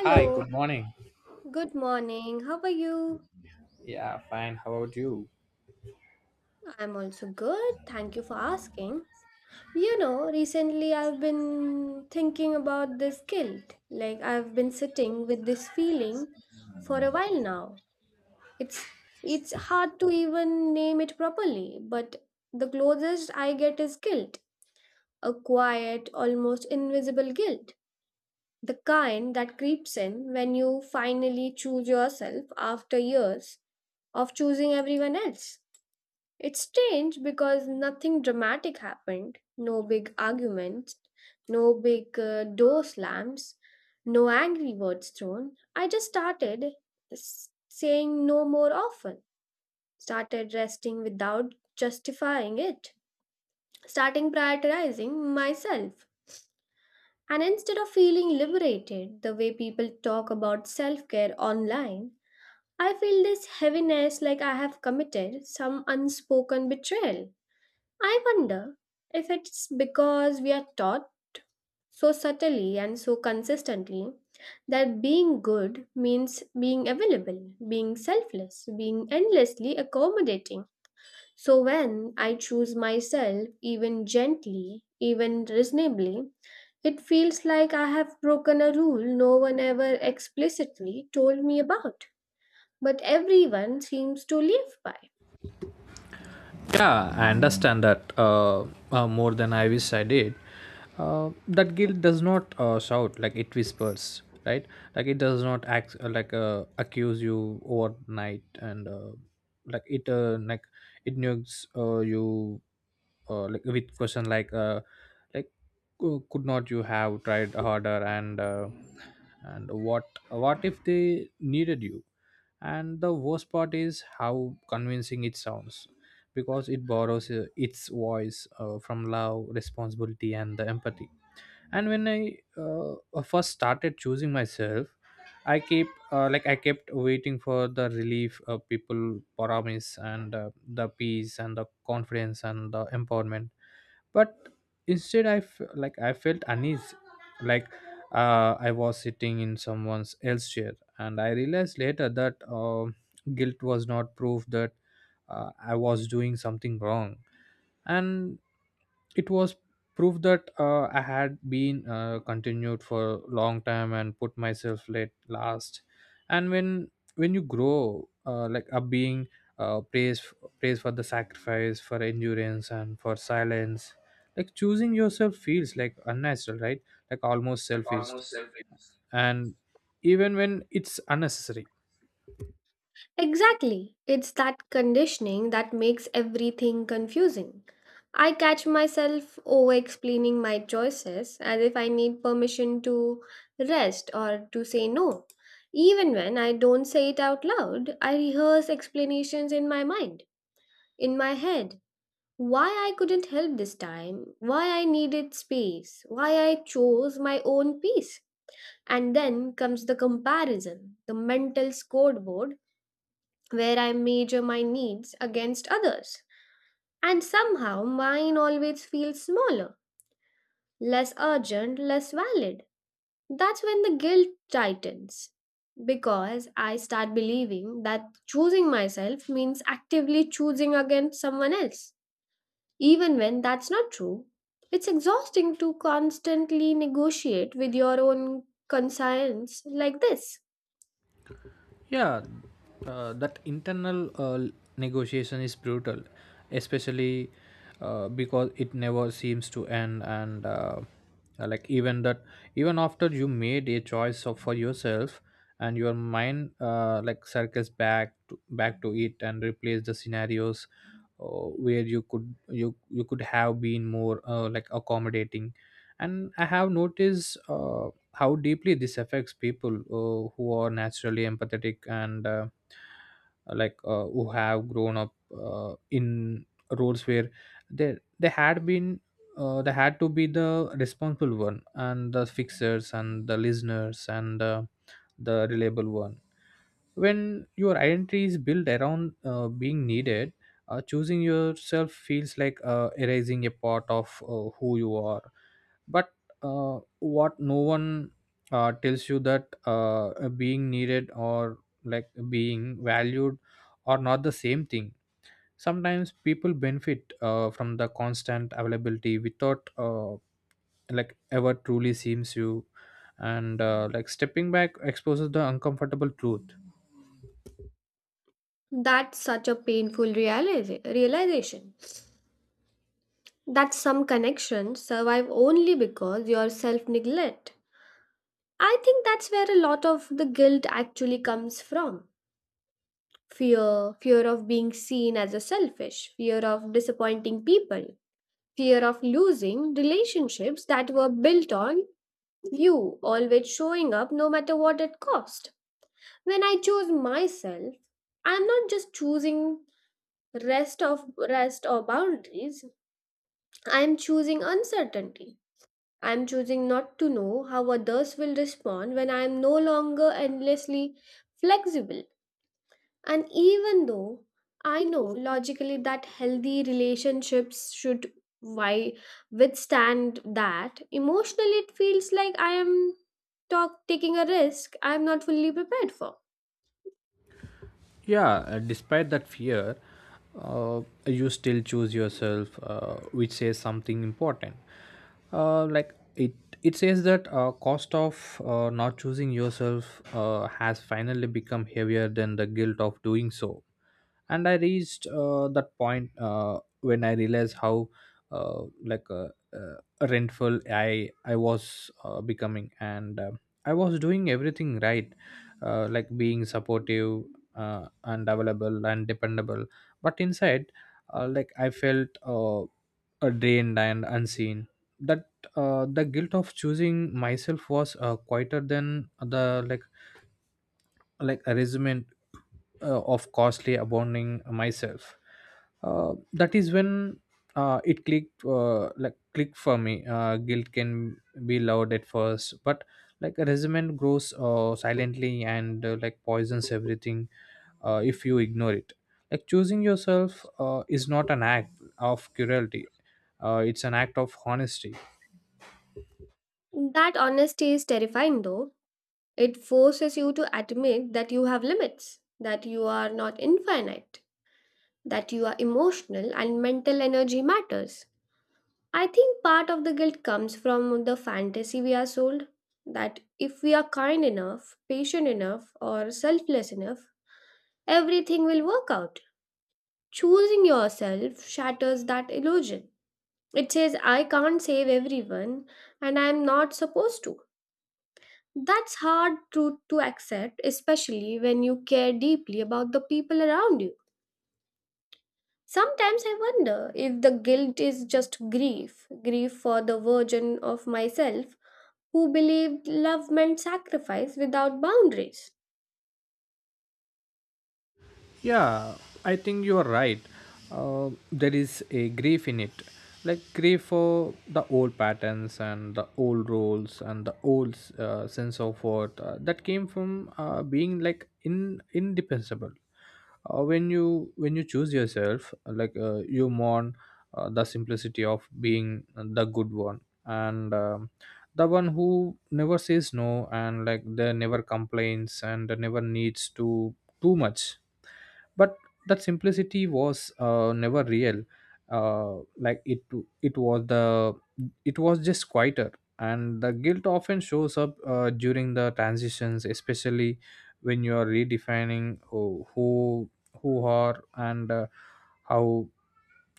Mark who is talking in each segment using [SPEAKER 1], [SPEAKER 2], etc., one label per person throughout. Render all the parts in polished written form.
[SPEAKER 1] Hi, good morning.
[SPEAKER 2] good morning. How are you?
[SPEAKER 1] Yeah, fine. How about you?
[SPEAKER 2] I'm also good. Thank you for asking. You know, recently I've been thinking about this guilt. Like I've been sitting with this feeling for a while now. It's it's hard to even name it properly, but the closest I get is guilt, a quiet, almost invisible guilt. The kind that creeps in when you finally choose yourself after years of choosing everyone else. It's strange because nothing dramatic happened. No big arguments, no big door slams, no angry words thrown. I just started saying no more often, started resting without justifying it, starting prioritizing myself. And instead of feeling liberated the way people talk about self care online, I feel this heaviness like I have committed some unspoken betrayal. I wonder if it's because we are taught so subtly and so consistently that being good means being available, being selfless, being endlessly accommodating. So when I choose myself, even gently, even reasonably, it feels like I have broken a rule no one ever explicitly told me about, but everyone seems to live by.
[SPEAKER 1] Yeah, I understand that more than I wish I did. That guilt does not shout, like it whispers, right? Like it does not act accuse you overnight, and like it uh, like it nukes you like with question like cou- could not you have tried harder and what if they needed you? And the worst part is how convincing it sounds because it borrows its voice from love, responsibility, and the empathy. And when I first started choosing myself, I keep like I kept waiting for the relief people promise, and the peace and the confidence and the empowerment, but instead I felt uneasy, like I was sitting in someone's else chair, and I realized later that guilt was not proof that I was doing something wrong, and it was proof that I had been continued for a long time and put myself late last. And when you grow up being uh, praised praised for the sacrifice, for endurance, and for silence. Like choosing yourself feels like unnatural, right? Like almost selfish, and even when it's unnecessary.
[SPEAKER 2] Exactly. It's that conditioning that makes everything confusing. I catch myself over explaining my choices as if I need permission to rest or to say no. Even when I don't say it out loud, I rehearse explanations in my mind, in my head. Why I couldn't help this time, why I needed space, why I chose my own peace. And then comes the comparison, the mental scoreboard where I measure my needs against others. And somehow mine always feels smaller, less urgent, less valid. That's when the guilt tightens because I start believing that choosing myself means actively choosing against someone else, even when that's not true. It's exhausting to constantly negotiate with your own conscience like this.
[SPEAKER 1] Yeah, that internal negotiation is brutal, especially because it never seems to end. And like even that, even after you made a choice of, for yourself, and your mind circles back to it, and replace the scenarios uh, where you could have been more accommodating. And I have noticed. How deeply this affects people who are naturally empathetic, and who have grown up in roles where they had been they had to be the responsible one and the fixers and the listeners and the reliable one. When your identity is built around being needed, choosing yourself feels like erasing a part of who you are. But what no one tells you, that being needed or like being valued are not the same thing. Sometimes people benefit from the constant availability without like ever truly seems you, and like stepping back exposes the uncomfortable truth.
[SPEAKER 2] That's such a painful realization. That some connections survive only because your self neglect. I think that's where a lot of the guilt actually comes from fear, fear of being seen as a selfish, fear of disappointing people, fear of losing relationships that were built on you always showing up no matter what it cost. When I choose myself, I'm not just choosing rest of rest or boundaries, I'm choosing uncertainty. I'm choosing not to know how others will respond when I am no longer endlessly flexible. And even though I know logically that healthy relationships should why withstand that, emotionally it feels like I am taking a risk I am not fully prepared for.
[SPEAKER 1] Yeah, despite that fear, you still choose yourself, which says something important. uh, like it it says that cost of not choosing yourself has finally become heavier than the guilt of doing so. And I reached that point when I realized how uh, like uh, uh, rentful i was becoming. And I was doing everything right, like being supportive and available and dependable. But inside, I felt drained and unseen. That the guilt of choosing myself was quieter than the like a resume of costly abandoning myself. That is when it clicked clicked for me. Guilt can be loud at first, but like a resume grows silently, and like poisons everything if you ignore it. Like choosing yourself is not an act of cruelty, it's an act of honesty.
[SPEAKER 2] That honesty is terrifying though. It forces you to admit that you have limits, that you are not infinite, that you are emotional and mental energy matters. I think part of the guilt comes from the fantasy we are sold that if we are kind enough, patient enough, or selfless enough, everything will work out. Choosing yourself shatters that illusion. It says, I can't save everyone and I'm not supposed to. That's hard to accept, especially when you care deeply about the people around you. Sometimes I wonder if the guilt is just grief, grief for the version of myself who believed love meant sacrifice without boundaries.
[SPEAKER 1] Yeah, I think you are right. There is a grief in it, like grief for the old patterns and the old roles and the old sense of worth that came from being like in indefensible. When you choose yourself, you mourn the simplicity of being the good one, and the one who never says no and like they never complains and never needs to too much. But that simplicity was never real, uh, like it it was the it was just quieter. And the guilt often shows up during the transitions, especially when you are redefining who are, and how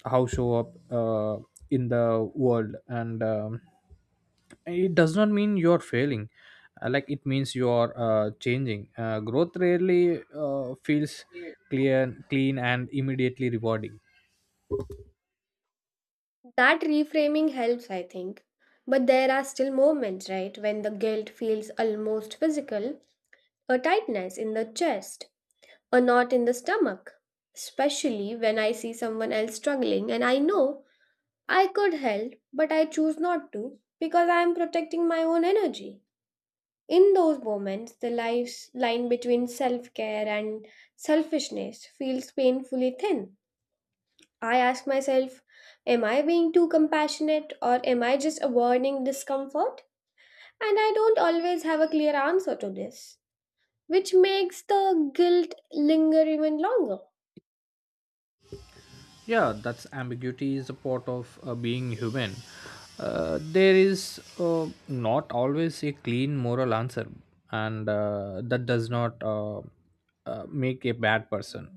[SPEAKER 1] how show up in the world. And it does not mean you are failing. Like it means you are changing. Uh, growth rarely feels clear, clean, and immediately rewarding.
[SPEAKER 2] That reframing helps, I think. But there are still moments, right, when the guilt feels almost physical, a tightness in the chest, a knot in the stomach. Especially when I see someone else struggling and I know I could help, but I choose not to because I am protecting my own energy. In those moments, the life's line between self care and selfishness feels painfully thin. I ask myself, am I being too compassionate or am I just avoiding discomfort? And I don't always have a clear answer to this, which makes the guilt linger even longer.
[SPEAKER 1] Yeah, that's ambiguity is a part of being human. There is not always a clean moral answer, and that does not make a bad person.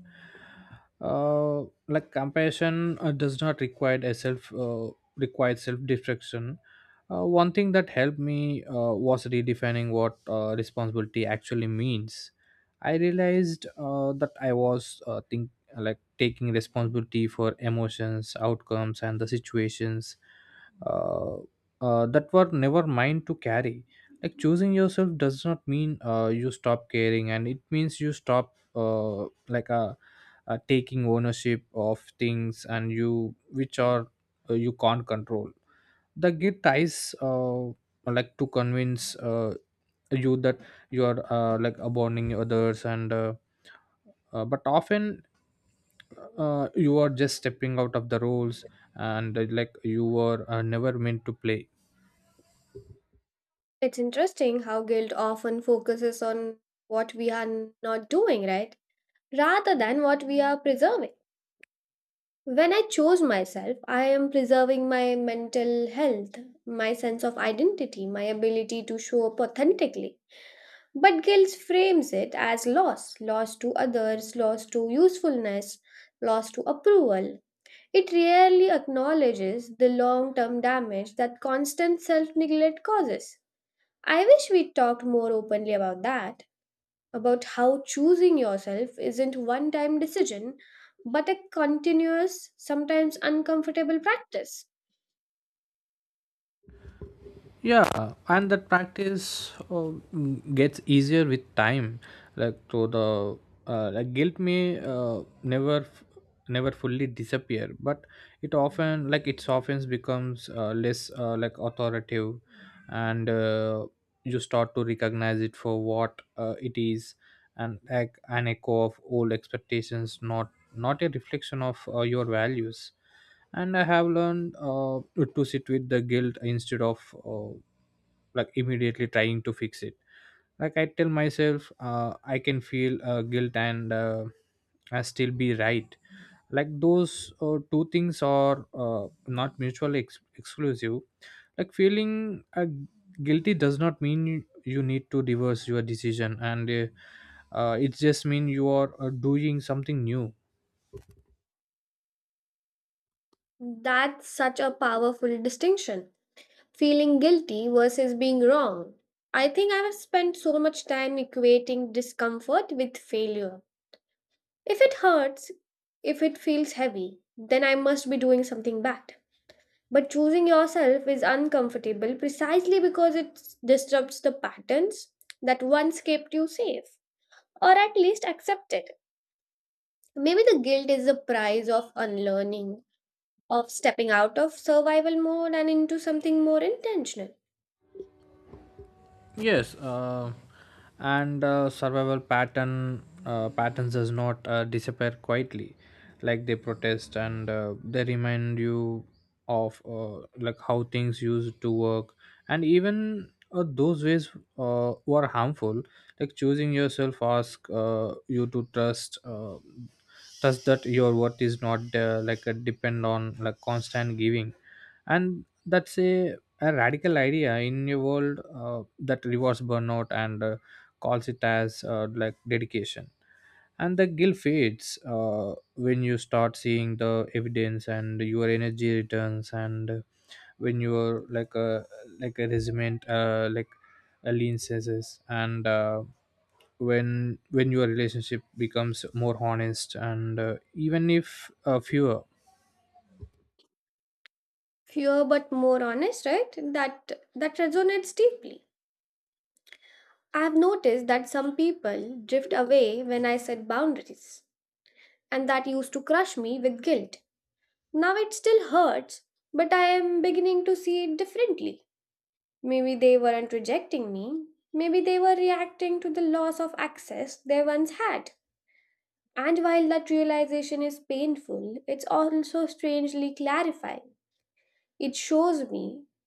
[SPEAKER 1] uh, like compassion does not require a self destruction. One thing that helped me was redefining what responsibility actually means. I realized that I was think like taking responsibility for emotions, outcomes, and the situations uh, that were never mine to carry. Like choosing yourself does not mean you stop caring, and it means you stop a taking ownership of things and you which are you can't control. The guilt tries like to convince you that you are like abandoning others, and but often you are just stepping out of the roles and like you were never meant to play.
[SPEAKER 2] It's interesting how guilt often focuses on what we are not doing, right? Rather than what we are preserving. When I chose myself, I am preserving my mental health, my sense of identity, my ability to show up authentically. But guilt frames it as loss loss to others, loss to usefulness, loss to approval. It rarely acknowledges the long term damage that constant self neglect causes. I wish we talked more openly about that, about how choosing yourself isn't one time decision, but a continuous, sometimes uncomfortable practice.
[SPEAKER 1] Yeah, and that practice gets easier with time. Like so the Like guilt may never fully disappear, but it often like it softens, becomes less like authoritative, and you start to recognize it for what it is, and like an echo of old expectations, not a reflection of your values. And I have learned to sit with the guilt instead of uh, like immediately trying to fix it. Like I tell myself, I can feel guilt and I still be right. Like those two things are not mutually ex- exclusive. Like feeling uh, guilty does not mean you need to reverse your decision, and it just mean you are doing something new.
[SPEAKER 2] That's such a powerful distinction. Feeling guilty versus being wrong. I think I have spent so much time equating discomfort with failure. If it hurts, if it feels heavy, then I must be doing something bad. But choosing yourself is uncomfortable precisely because it disrupts the patterns that once kept you safe, or at least accepted. Maybe the guilt is the price of unlearning, of stepping out of survival mode and into something more intentional.
[SPEAKER 1] Yes, and survival patterns does not disappear quietly, like they protest, and they remind you of like how things used to work, and even those ways were harmful. Like choosing yourself, ask you to trust that your worth is not like a depend on like constant giving, and that's a radical idea in a world that rewards burnout, and calls it as like dedication. And the guilt fades when you start seeing the evidence, and your energy returns, and when you're like a resentment like a lean says, and when your relationship becomes more honest, and even if fewer.
[SPEAKER 2] Fewer but more honest, right? That that resonates deeply. I've noticed that some people drift away when I set boundaries, and that used to crush me with guilt. Now it still hurts, but I am beginning to see it differently. Maybe they weren't rejecting me, maybe they were reacting to the loss of access they once had. And while that realization is painful, it's also strangely clarifying. It shows me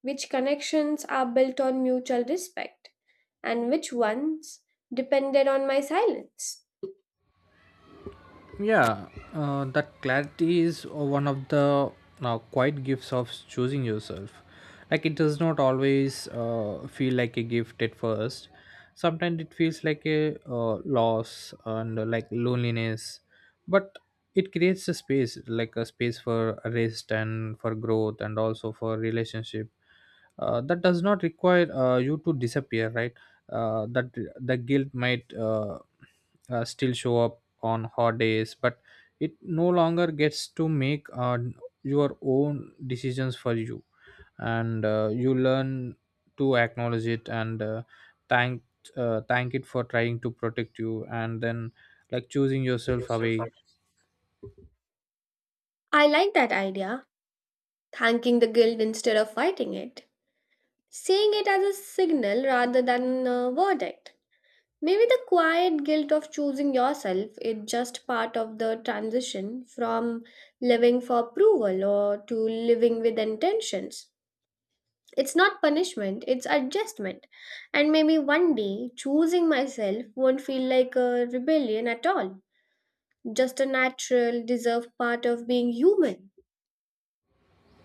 [SPEAKER 2] which connections are built on mutual respect and which ones depended on my silence.
[SPEAKER 1] Yeah, that clarity is one of the quiet gifts of choosing yourself. Like it does not always feel like a gift at first. Sometimes it feels like a loss and like loneliness, but it creates a space, like a space for rest and for growth and also for relationship. That does not require you to disappear, right? That The guilt might still show up on hot days, but it no longer gets to make your own decisions for you. And you learn to acknowledge it, and thank thank it for trying to protect you, and then like choosing yourself away.
[SPEAKER 2] I like that idea, thanking the guild instead of fighting it, seeing it as a signal rather than a verdict. Maybe the quiet guilt of choosing yourself is just part of the transition from living for approval or to living with intentions. It's not punishment, it's adjustment. And maybe one day, choosing myself won't feel like a rebellion at all, just a natural, deserved part of being human.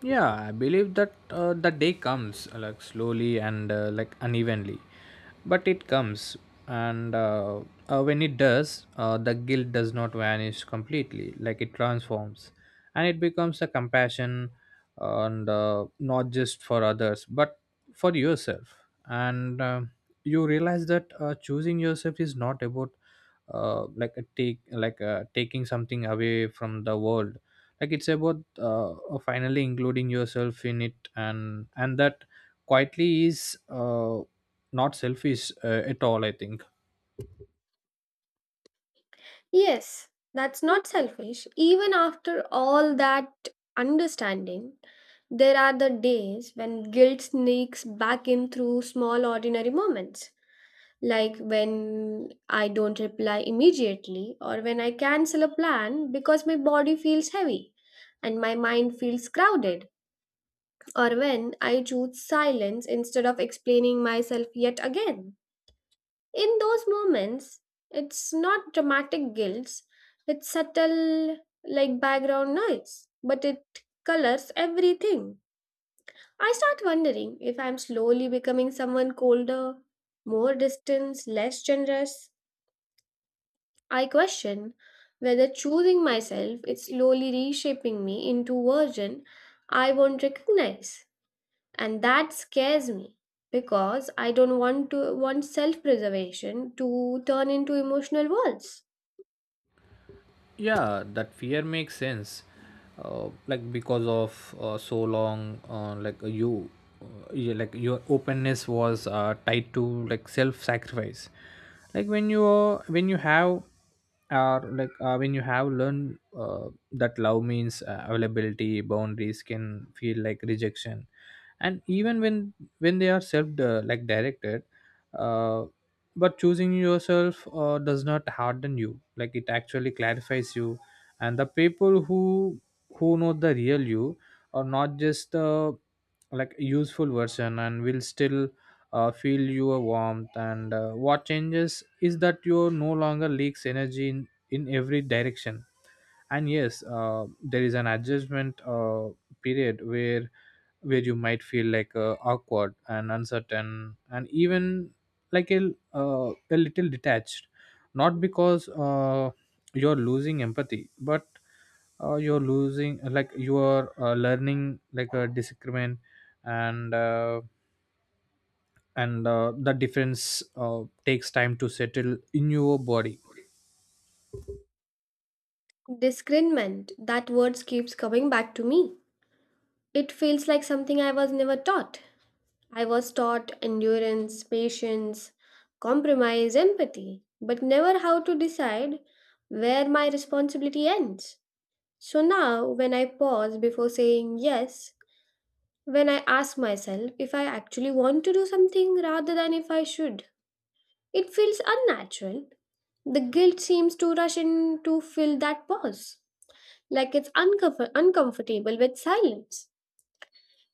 [SPEAKER 1] Yeah, I believe that the day comes like slowly and like unevenly, but it comes. And when it does, the guilt does not vanish completely, like it transforms, and it becomes a compassion, and not just for others, but for yourself. And you realize that choosing yourself is not about like a take like taking something away from the world. Like it's about finally including yourself in it. And that quietly is not selfish at all, I think.
[SPEAKER 2] Yes, that's not selfish. Even after all that understanding, there are the days when guilt sneaks back in through small, ordinary moments. Like when I don't reply immediately or when I cancel a plan because my body feels heavy and my mind feels crowded, or when I choose silence instead of explaining myself yet again. In those moments, it's not dramatic guilt, it's subtle, like background noise, but it colors everything. I start wondering if I'm slowly becoming someone colder, more distant, less generous. I question whether choosing myself is slowly reshaping me into version I won't recognize. And that scares me because I don't want to want self-preservation to turn into emotional walls.
[SPEAKER 1] Yeah, that fear makes sense, like because of so long, you- like your openness was tied to like self sacrifice. Like when you have are like when you have learned that love means availability, boundaries can feel like rejection, and even when they are self like directed. uh, but choosing yourself does not harden you, like it actually clarifies you. And the people who know the real you are not just the like useful version, and will still feel your warmth. And what changes is that you no longer leaks energy in every direction. And yes, there is an adjustment period where you might feel like awkward and uncertain, and even a little detached, not because you're losing empathy, but you are learning like a disagreement. And uh, and uh, the difference takes time to settle in your body.
[SPEAKER 2] Discernment, that word keeps coming back to me. It feels like something I was never taught. I was taught endurance, patience, compromise, empathy, but never how to decide where my responsibility ends. So now, when I pause before saying yes, when I ask myself if I actually want to do something rather than if I should, it feels unnatural. The guilt seems to rush in to fill that pause, like it's uncomfortable with silence.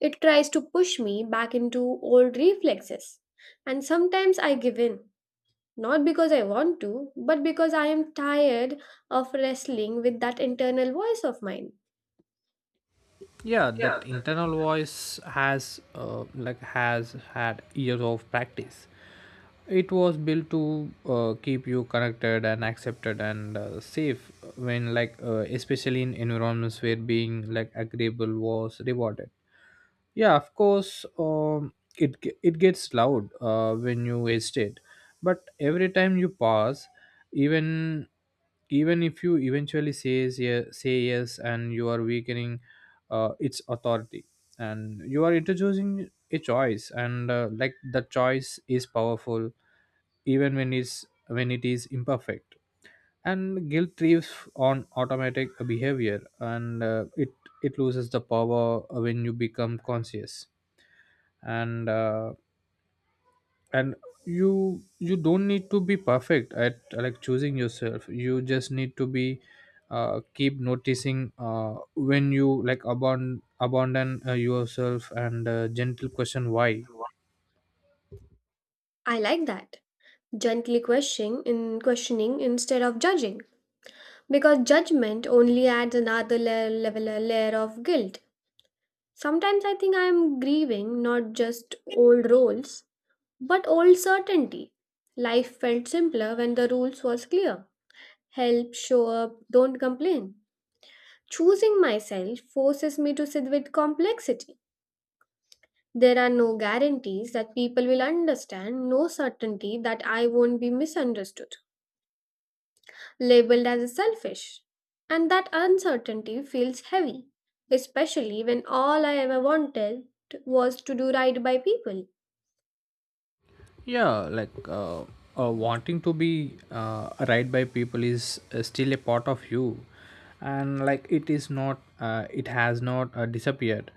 [SPEAKER 2] It tries to push me back into old reflexes. And sometimes I give in, not because I want to, but because I am tired of wrestling with that internal voice of mine.
[SPEAKER 1] Yeah. That internal voice has has had years of practice. It was built to keep you connected and accepted and safe when, especially in environments where being like agreeable was rewarded. Yeah, of course, it gets loud when you waste it, but every time you pause, even even if you eventually says yeah, say yes and you are weakening its authority, and you are introducing a choice, and like the choice is powerful even when it is imperfect. And guilt thrives on automatic behavior, and it loses the power when you become conscious. And uh, and you don't need to be perfect at like choosing yourself, you just need to be keep noticing when you like abandon yourself, and gentle question why.
[SPEAKER 2] I like that, gently questioning instead of judging, because judgment only adds level, a layer of guilt. Sometimes I think I am grieving not just old roles but old certainty. Life felt simpler when the rules was clear, help show up, don't complain. Choosing myself forces me to sit with complexity. There are no guarantees that people will understand, no certainty that I won't be misunderstood, labeled as selfish. And that uncertainty feels heavy, especially when all I ever wanted was to do right by people.
[SPEAKER 1] Yeah, like wanting to be right by people is still a part of you, and like it is not it has not disappeared.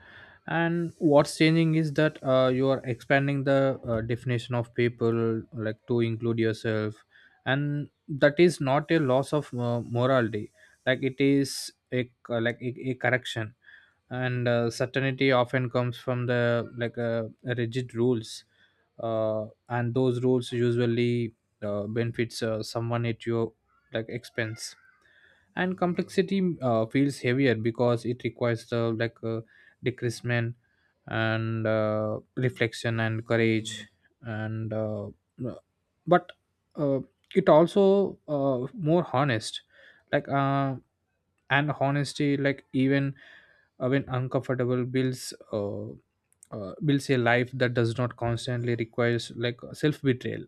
[SPEAKER 1] And what's changing is that you are expanding the definition of people like to include yourself. And that is not a loss of morality, like it is a a correction. And certainty often comes from the rigid rules, and those rules usually benefits someone at your like expense. And complexity feels heavier because it requires the decreasement and reflection and courage. And but uh, it also more honest. like uh, and honesty like even when uncomfortable builds builds a life that does not constantly requires like self betrayal.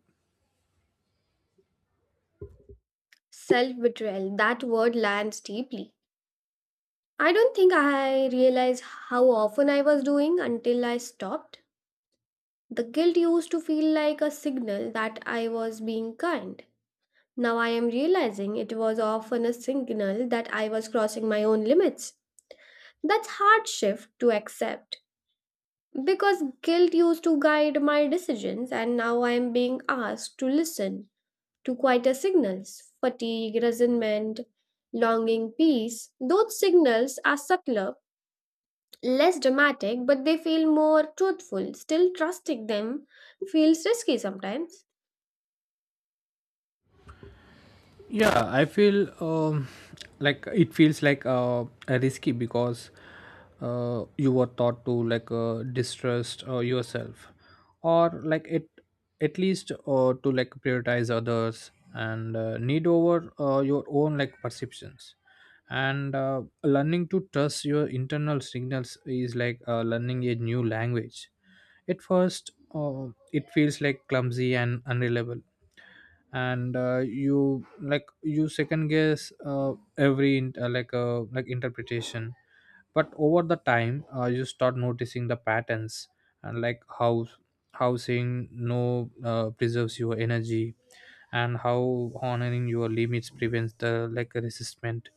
[SPEAKER 2] Self betrayal, that word lands deeply. I don't think I realized how often I was doing until I stopped. The guilt used to feel like a signal that I was being kind. Now I am realizing it was often a signal that I was crossing my own limits. That's hard shift to accept. Because guilt used to guide my decisions, and now I am being asked to listen to quieter signals fatigue, resentment, longing, peace. Those signals are subtler, less dramatic, but they feel more truthful. Still, trusting them feels risky sometimes.
[SPEAKER 1] Yeah, I feel like it feels like risky because you were taught to like distrust yourself, or like it at least to like prioritize others and need over your own like perceptions. And learning to trust your internal signals is like learning a new language. At first, it feels like clumsy and unreliable, and you like you second guess every like interpretation. But over the time you start noticing the patterns, and like how saying no preserves your energy, and how honoring your limits prevents the like resistment,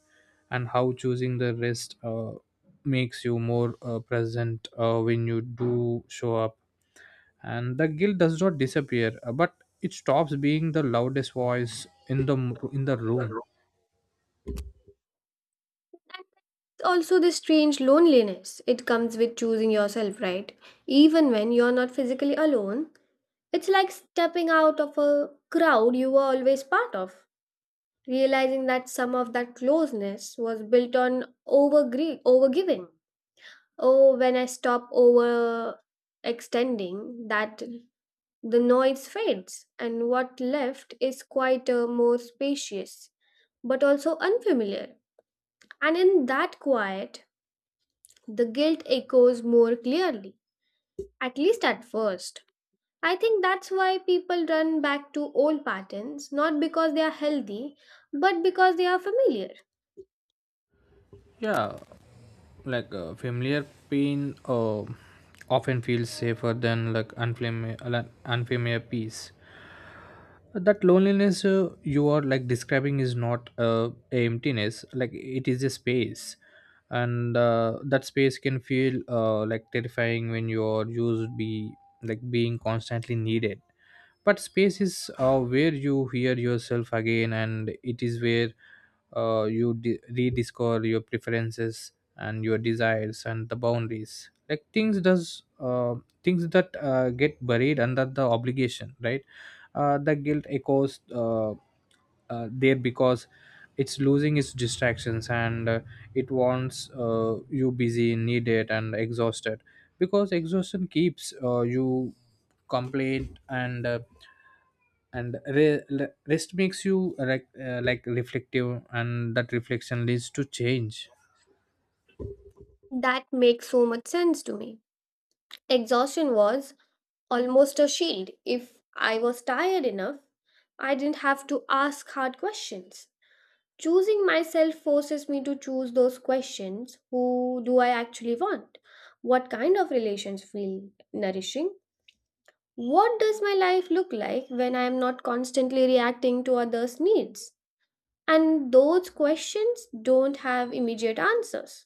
[SPEAKER 1] and how choosing the rest makes you more present when you do show up. And the guilt does not disappear but it stops being the loudest voice in the in the room.
[SPEAKER 2] And also, this strange loneliness. It comes with choosing yourself, right? Even when you're not physically alone, it's like stepping out of a crowd you were always part of. Realizing that some of that closeness was built on overgiving. Oh, when I stop overextending, that the noise fades, and what left is quite more spacious, but also unfamiliar. And in that quiet, the guilt echoes more clearly, at least at first. I think that's why people run back to old patterns, not because they are healthy, but because they are familiar.
[SPEAKER 1] Yeah, like familiar pain often feels safer than like unfamiliar peace. That loneliness you are like describing is not a emptiness, like it is a space. And that space can feel like terrifying when you are used be like being constantly needed. But space is where you hear yourself again, and it is where you rediscover your preferences and your desires and the boundaries, like things does things that get buried under the obligation, right? The guilt echoes there because it's losing its distractions, and it wants you busy needed and exhausted, because exhaustion keeps you complete, and rest makes you like reflective, and that reflection leads to change.
[SPEAKER 2] That makes so much sense to me. Exhaustion was almost a shield. If I was tired enough, I didn't have to ask hard questions. Choosing myself forces me to choose those questions, who do I actually want? What kind of relations feel nourishing? What does my life look like when I am not constantly reacting to others' needs? And those questions don't have immediate answers.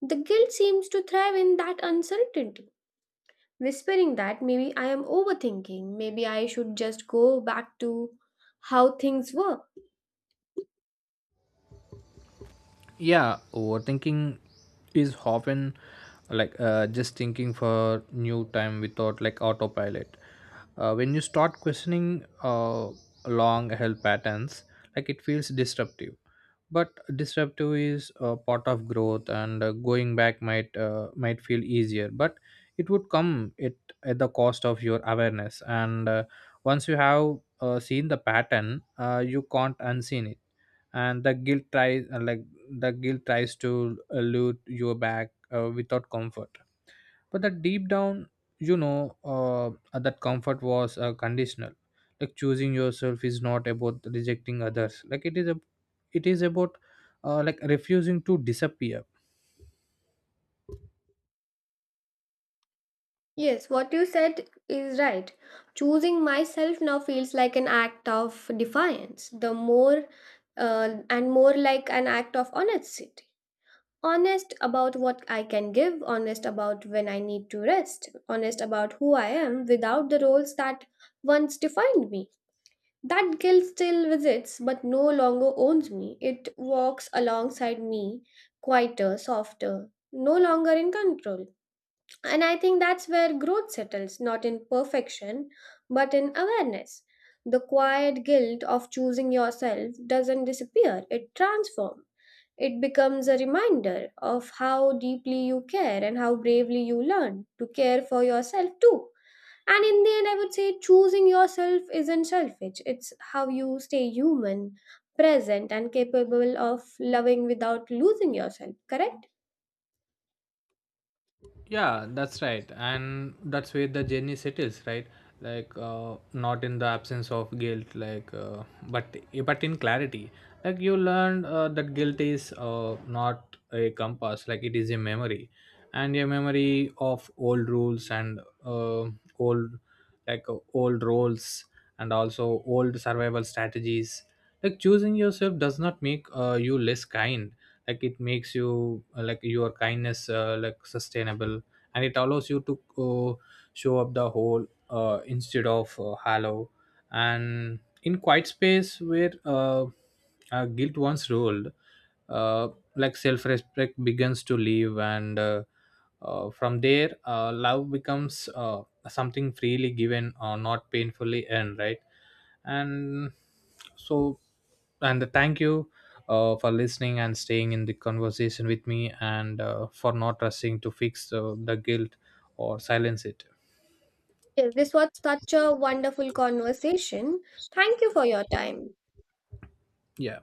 [SPEAKER 2] The guilt seems to thrive in that uncertainty, whispering that maybe I am overthinking, maybe I should just go back to how things were.
[SPEAKER 1] Yeah, overthinking is often like just thinking for new time without like autopilot. When you start questioning long health patterns, like it feels disruptive. But disruptive is a part of growth, and going back might feel easier, but it would come it at the cost of your awareness. And once you have seen the pattern you can't unseen it. And the guilt tries to elude you back without comfort. But the deep down you know that comfort was conditional. Like choosing yourself is not about rejecting others, like it is a it is about like refusing to disappear.
[SPEAKER 2] Yes, what you said is right. Choosing myself now feels like an act of defiance, the more and more like an act of honesty. Honest about what I can give, honest about when I need to rest, honest about who I am without the roles that once defined me. That guilt still visits but no longer owns me. It walks alongside me, quieter, softer, no longer in control. And I think that's where growth settles, not in perfection, but in awareness. The quiet guilt of choosing yourself doesn't disappear, it transforms. It becomes a reminder of how deeply you care and how bravely you learn to care for yourself too. And in the end, I would say choosing yourself isn't selfish, it's how you stay human, present, and capable of loving without losing yourself, correct?
[SPEAKER 1] Yeah, that's right, and that's where the journey settles, right? Like not in the absence of guilt, but but in clarity. Like you learned that guilt is not a compass, like it is a memory. And a memory of old rules, and old like old roles, and also old survival strategies. Like choosing yourself does not make you less kind, like it makes you like your kindness like sustainable. And it allows you to show up the whole instead of hollow. And in quiet space where guilt once ruled, uh, like self-respect begins to live. And From there love becomes something freely given or not painfully earned, right? And so and the thank you for listening and staying in the conversation with me, and for not rushing to fix the guilt or silence it.
[SPEAKER 2] Yes, this was such a wonderful conversation. Thank you for your time.
[SPEAKER 1] Yeah.